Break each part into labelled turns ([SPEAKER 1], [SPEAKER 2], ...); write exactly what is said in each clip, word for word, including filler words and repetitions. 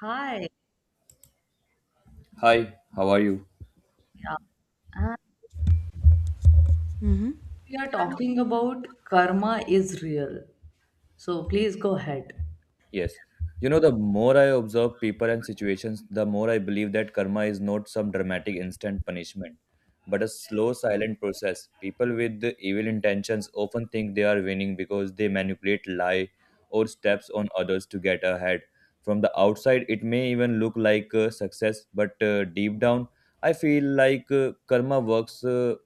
[SPEAKER 1] Hi.
[SPEAKER 2] Hi, how are you?
[SPEAKER 1] Yeah. And
[SPEAKER 3] hmm
[SPEAKER 1] we are talking about karma is real. So please go ahead.
[SPEAKER 2] Yes. You know, the more I observe people and situations, the more I believe that karma is not some dramatic instant punishment, but a slow, silent process. People with the evil intentions often think they are winning because they manipulate, lie, or steps on others to get ahead. From the outside, it may even look like uh, success, but uh, deep down, I feel like uh, karma works. Uh,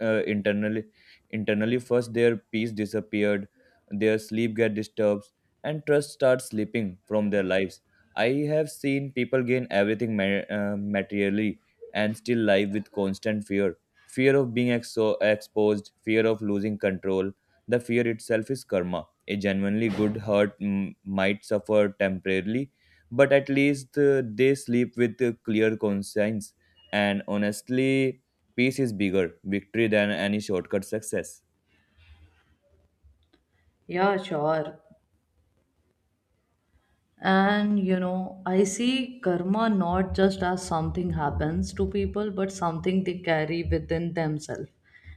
[SPEAKER 2] uh, internally Internally, first their peace disappeared, their sleep get disturbed, and trust starts slipping from their lives. I have seen people gain everything ma- uh, materially and still live with constant fear, fear of being exo- exposed, fear of losing control. The fear itself is karma. A genuinely good heart mm, might suffer temporarily, but at least uh, they sleep with a clear conscience. And honestly, peace is bigger victory than any shortcut success.
[SPEAKER 1] Yeah, sure. And you know, I see karma not just as something happens to people, but something they carry within themselves.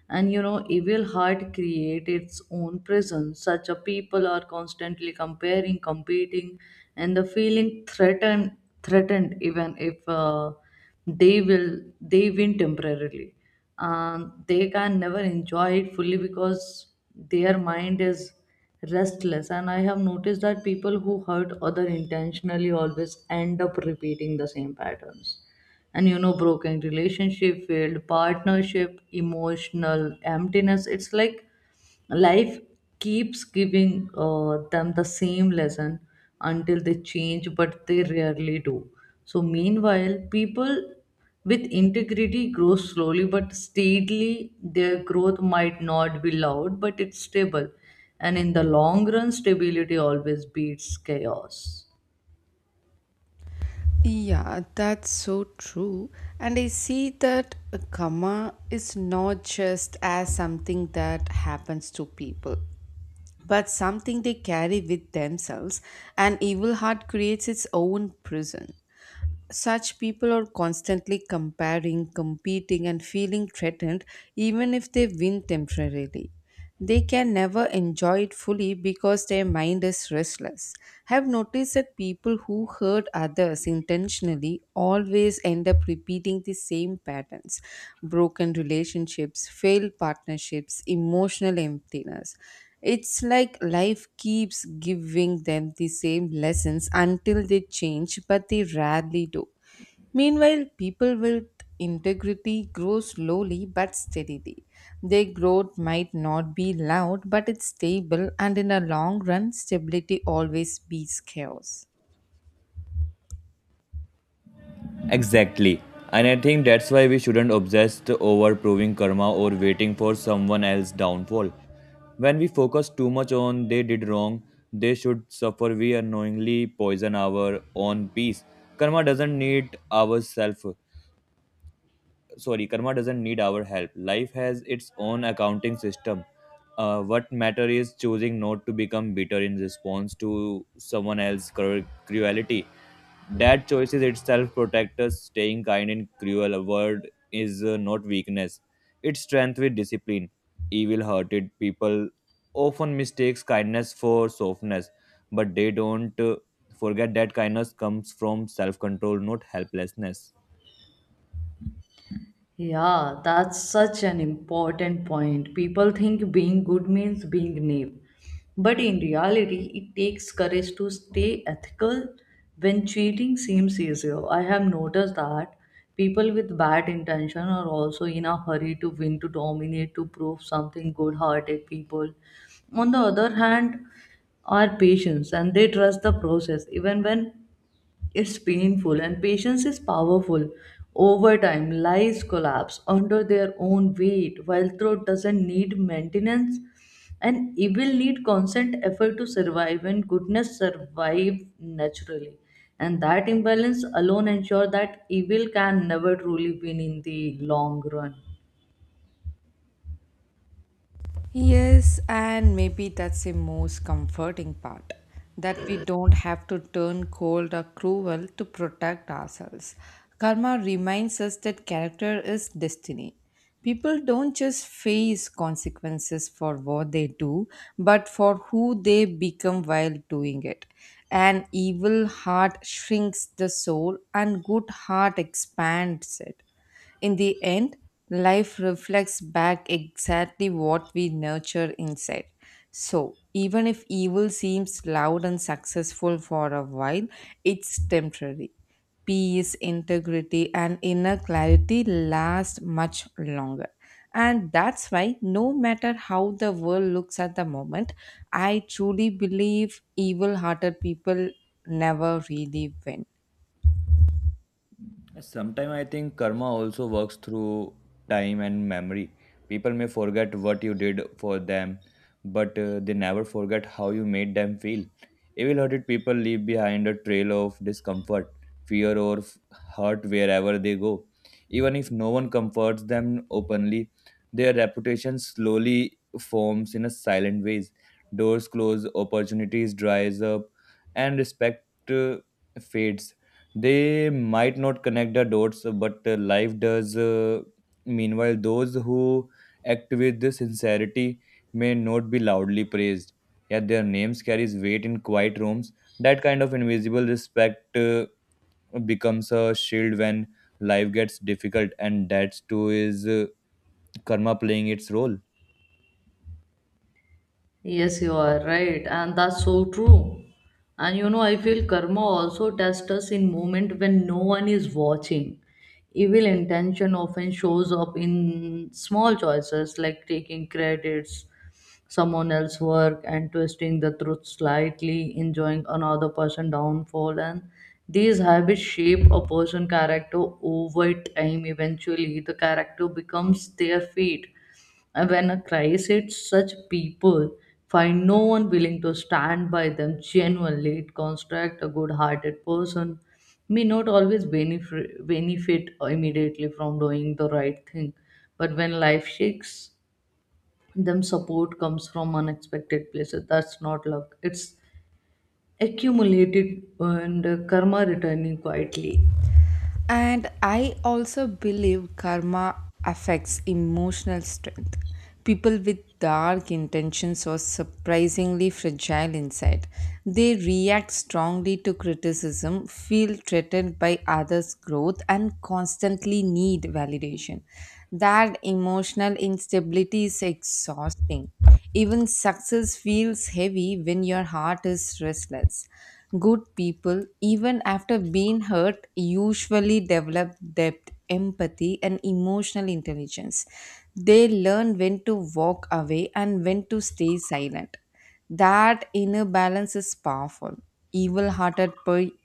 [SPEAKER 1] And you know, evil heart create its own prison. Such a people are constantly comparing, competing, and the feeling threatened, threatened even if uh, they will they win temporarily. And they can never enjoy it fully because their mind is restless, and I have noticed that people who hurt other intentionally always end up repeating the same patterns. And you know, broken relationship, failed partnership, emotional emptiness. It's like life keeps giving uh, them the same lesson until they change, but they rarely do. So meanwhile, people with integrity grow slowly but steadily. Their growth might not be loud, but it's stable, and in the long run stability always beats chaos.
[SPEAKER 3] Yeah, that's so true. And I see that a karma is not just as something that happens to people, but something they carry with themselves. And evil heart creates its own prison. Such people are constantly comparing, competing, and feeling threatened even if they win temporarily. They can never enjoy it fully because their mind is restless. Have noticed that people who hurt others intentionally always end up repeating the same patterns broken relationships, failed partnerships, emotional emptiness. It's like life keeps giving them the same lessons until they change, but they rarely do. Meanwhile, people with integrity grow slowly but steadily. Their growth might not be loud, but it's stable, and in a long run, stability always beats chaos.
[SPEAKER 2] Exactly. And I think that's why we shouldn't obsess over proving karma or waiting for someone else's downfall. When we focus too much on they did wrong, they should suffer, we unknowingly poison our own peace. Karma doesn't need ourself. Sorry, karma doesn't need our help. Life has its own accounting system. Uh, what matter is choosing not to become bitter in response to someone else's cru- cruelty. That choice is itself protect us. Staying kind in cruel world is uh, not weakness, it's strength with discipline. Evil hearted people often mistakes kindness for softness, but they don't uh, forget that kindness comes from self control, not helplessness.
[SPEAKER 1] Yeah, that's such an important point. People think being good means being naive. But in reality, it takes courage to stay ethical when cheating seems easier. I have noticed that people with bad intention are also in a hurry to win, to dominate, to prove something good hearted people. On the other hand, are patient and they trust the process even when it's painful, and patience is powerful. Over time, lives collapse under their own weight, while truth doesn't need maintenance, and evil need constant effort to survive, and goodness survive naturally. And that imbalance alone ensure that evil can never truly win in the long run.
[SPEAKER 3] Yes, and maybe that's the most comforting part that we don't have to turn cold or cruel to protect ourselves. Karma reminds us that character is destiny. People don't just face consequences for what they do, but for who they become while doing it. An evil heart shrinks the soul, and good heart expands it. In the end, life reflects back exactly what we nurture inside. So, even if evil seems loud and successful for a while, it's temporary. Peace, integrity, and inner clarity last much longer. And that's why, no matter how the world looks at the moment, I truly believe evil hearted people never really win.
[SPEAKER 2] Sometimes I think karma also works through time and memory. People may forget what you did for them, but uh, they never forget how you made them feel. Evil hearted people leave behind a trail of discomfort, fear, or f- hurt wherever they go. Even if no one comforts them openly, their reputation slowly forms in a silent ways. Doors close, opportunities dries up, and respect uh, fades. They might not connect the dots, but uh, life does. Uh, meanwhile, those who act with the sincerity may not be loudly praised, yet their names carries weight in quiet rooms. That kind of invisible respect uh, becomes a shield when life gets difficult, and that too is uh, karma playing its role.
[SPEAKER 1] Yes, you are right, and that's so true. And you know, I feel karma also tests us in moment when no one is watching. Evil intention often shows up in small choices like taking credits, someone else's work, and twisting the truth slightly, enjoying another person's downfall. And these habits shape a person's character over time. Eventually, the character becomes their fate, and when a crisis hits, such people find no one willing to stand by them genuinely. It constructs a good hearted person may not always benefit, benefit immediately from doing the right thing, but when life shakes, them support comes from unexpected places. That's not luck, it's accumulated and karma returning quietly.
[SPEAKER 3] And I also believe karma affects emotional strength. People with dark intentions are surprisingly fragile inside. They react strongly to criticism, feel threatened by others' growth, and constantly need validation. That emotional instability is exhausting. Even success feels heavy when your heart is restless. Good people, even after being hurt, usually develop depth, empathy, and emotional intelligence. They learn when to walk away and when to stay silent. That inner balance is powerful. Evil hearted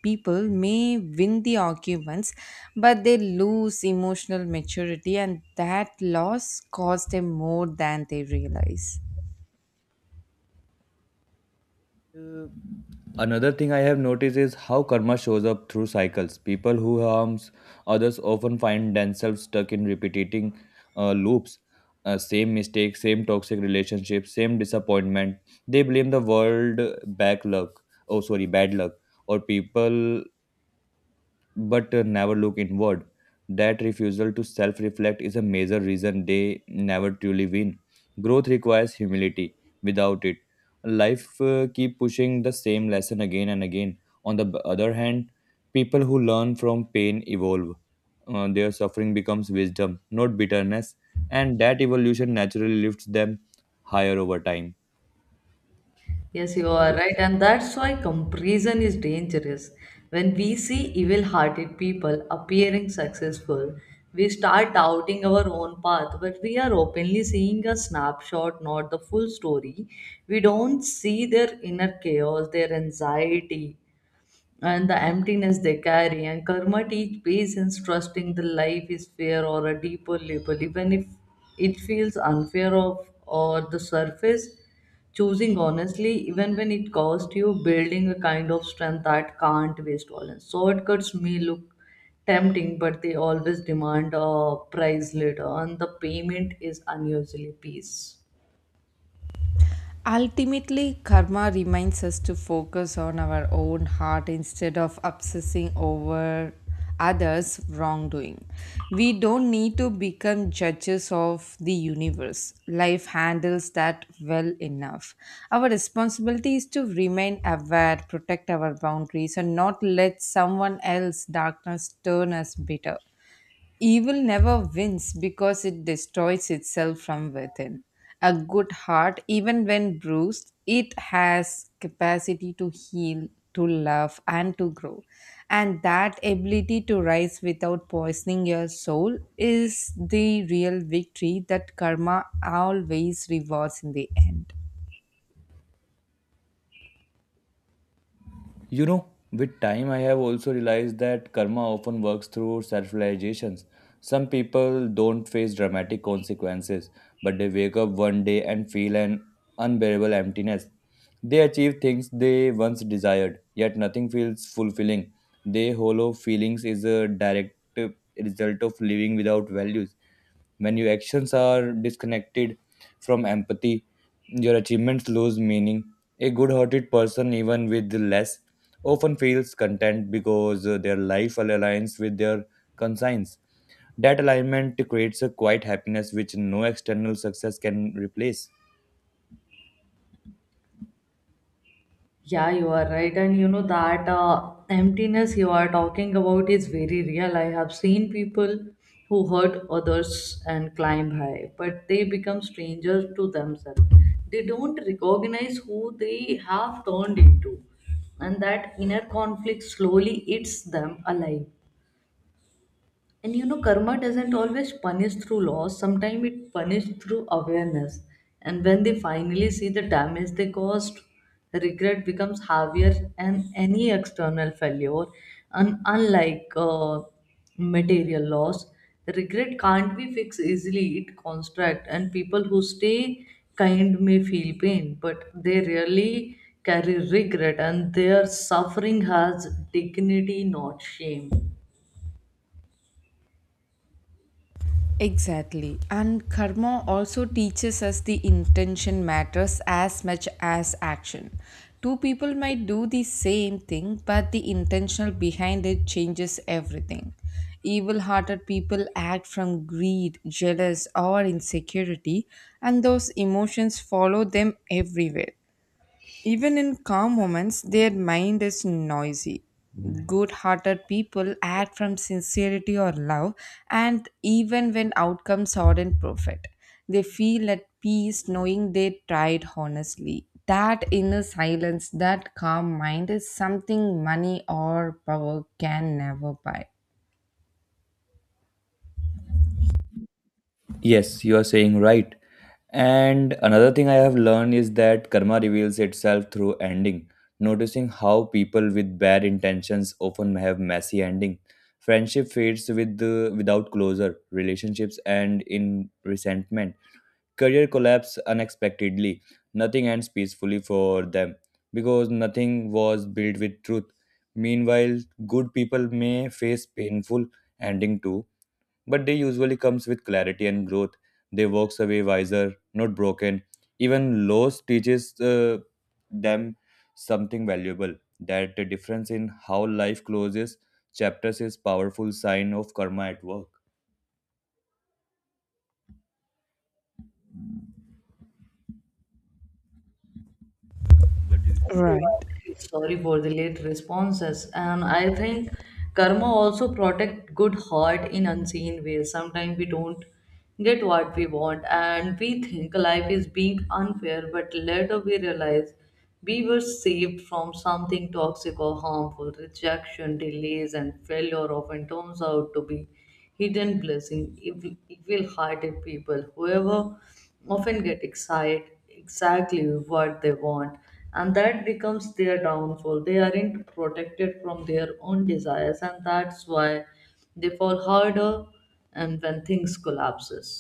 [SPEAKER 3] people may win the arguments, but they lose emotional maturity, and that loss costs them more than they realize.
[SPEAKER 2] Uh, Another thing I have noticed is how karma shows up through cycles. People who harms others often find themselves stuck in repeating uh, loops, uh, same mistakes, same toxic relationships, same disappointment. They blame the world, back luck. Oh, sorry, bad luck, or people, but uh, never look inward. That refusal to self reflect is a major reason they never truly win. Growth requires humility. Without it, life uh, keep pushing the same lesson again and again. On the b- other hand, people who learn from pain evolve. Uh, their suffering becomes wisdom, not bitterness, and that evolution naturally lifts them higher over time.
[SPEAKER 1] Yes, you are right, and that's why comparison is dangerous. When we see evil hearted people appearing successful, we start doubting our own path, but we are openly seeing a snapshot, not the full story. We don't see their inner chaos, their anxiety, and the emptiness they carry. And karma teach patience, trusting the life is fair or a deeper label, even if it feels unfair of or the surface. Choosing honestly, even when it costs you, building a kind of strength that can't waste violence. Shortcuts may look tempting, but they always demand a price later, and the payment is unusually peace.
[SPEAKER 3] Ultimately, karma reminds us to focus on our own heart instead of obsessing over others' wrongdoing. We don't need to become judges of the universe. Life handles that well enough. Our responsibility is to remain aware, protect our boundaries, and not let someone else's darkness turn us bitter. Evil never wins because it destroys itself from within. A good heart, even when bruised, it has capacity to heal, to love, and to grow. And that ability to rise without poisoning your soul is the real victory that karma always rewards in the end.
[SPEAKER 2] You know, with time, I have also realized that karma often works through self realizations. Some people don't face dramatic consequences, but they wake up one day and feel an unbearable emptiness. They achieve things they once desired, yet nothing feels fulfilling. Their hollow feelings is a direct uh, result of living without values. When your actions are disconnected from empathy, your achievements lose meaning. A good hearted person, even with less, often feels content because uh, their life aligns with their conscience. That alignment creates a quiet happiness which no external success can replace.
[SPEAKER 1] Yeah, you are right. And you know that uh, emptiness you are talking about is very real. I have seen people who hurt others and climb high, but they become strangers to themselves. They don't recognize who they have turned into, and that inner conflict slowly eats them alive. And you know, karma doesn't always punish through laws, sometimes it punishes through awareness. And when they finally see the damage they caused, the regret becomes heavier and any external failure. And unlike uh, material loss, the regret can't be fixed easily, it constructs. And people who stay kind may feel pain, but they rarely carry regret, and their suffering has dignity, not shame.
[SPEAKER 3] Exactly. And karma also teaches us the intention matters as much as action. Two people might do the same thing, but the intentional behind it changes everything. Evil hearted people act from greed, jealous, or insecurity, and those emotions follow them everywhere. Even in calm moments, their mind is noisy. Good hearted people act from sincerity or love, and even when outcomes aren't perfect, they feel at peace knowing they tried honestly. That inner silence, that calm mind is something money or power can never buy.
[SPEAKER 2] Yes, you are saying right. And another thing I have learned is that karma reveals itself through ending. Noticing how people with bad intentions often have messy ending. Friendship fades with the, without closure, relationships end in resentment. Career collapse unexpectedly. Nothing ends peacefully for them because nothing was built with truth. Meanwhile, good people may face painful ending too, but day usually comes with clarity and growth. They walks away wiser, not broken. Even loss teaches uh, them something valuable. That the difference in how life closes chapters is powerful sign of karma at work. What do
[SPEAKER 1] Yes, you
[SPEAKER 3] Right.
[SPEAKER 1] are right. Sorry for the late responses. And I think karma also protect good heart in unseen ways. Sometimes we don't get what we want and we think life is being unfair, but later we realize we were saved from something toxic or harmful. Rejection, delays, and failure often turns out to be hidden blessing, evil, evil-hearted people, whoever often get excited exactly what they want, and that becomes their downfall. They aren't protected from their own desires, and that's why they fall harder and when things collapses.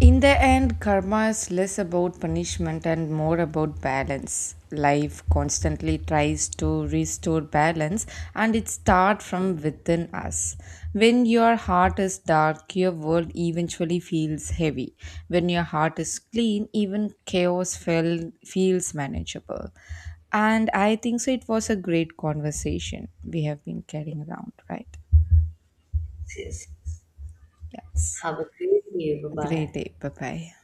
[SPEAKER 3] In the end, karma is less about punishment and more about balance. Life constantly tries to restore balance and it starts from within us. When your heart is dark, your world eventually feels heavy. When your heart is clean, even chaos feel, feels manageable. And I think so, it was a great conversation we have been carrying around, right?
[SPEAKER 1] Yes. Yes.
[SPEAKER 3] Yes.
[SPEAKER 1] Have a great day. Bye bye.
[SPEAKER 3] Great day. Bye bye.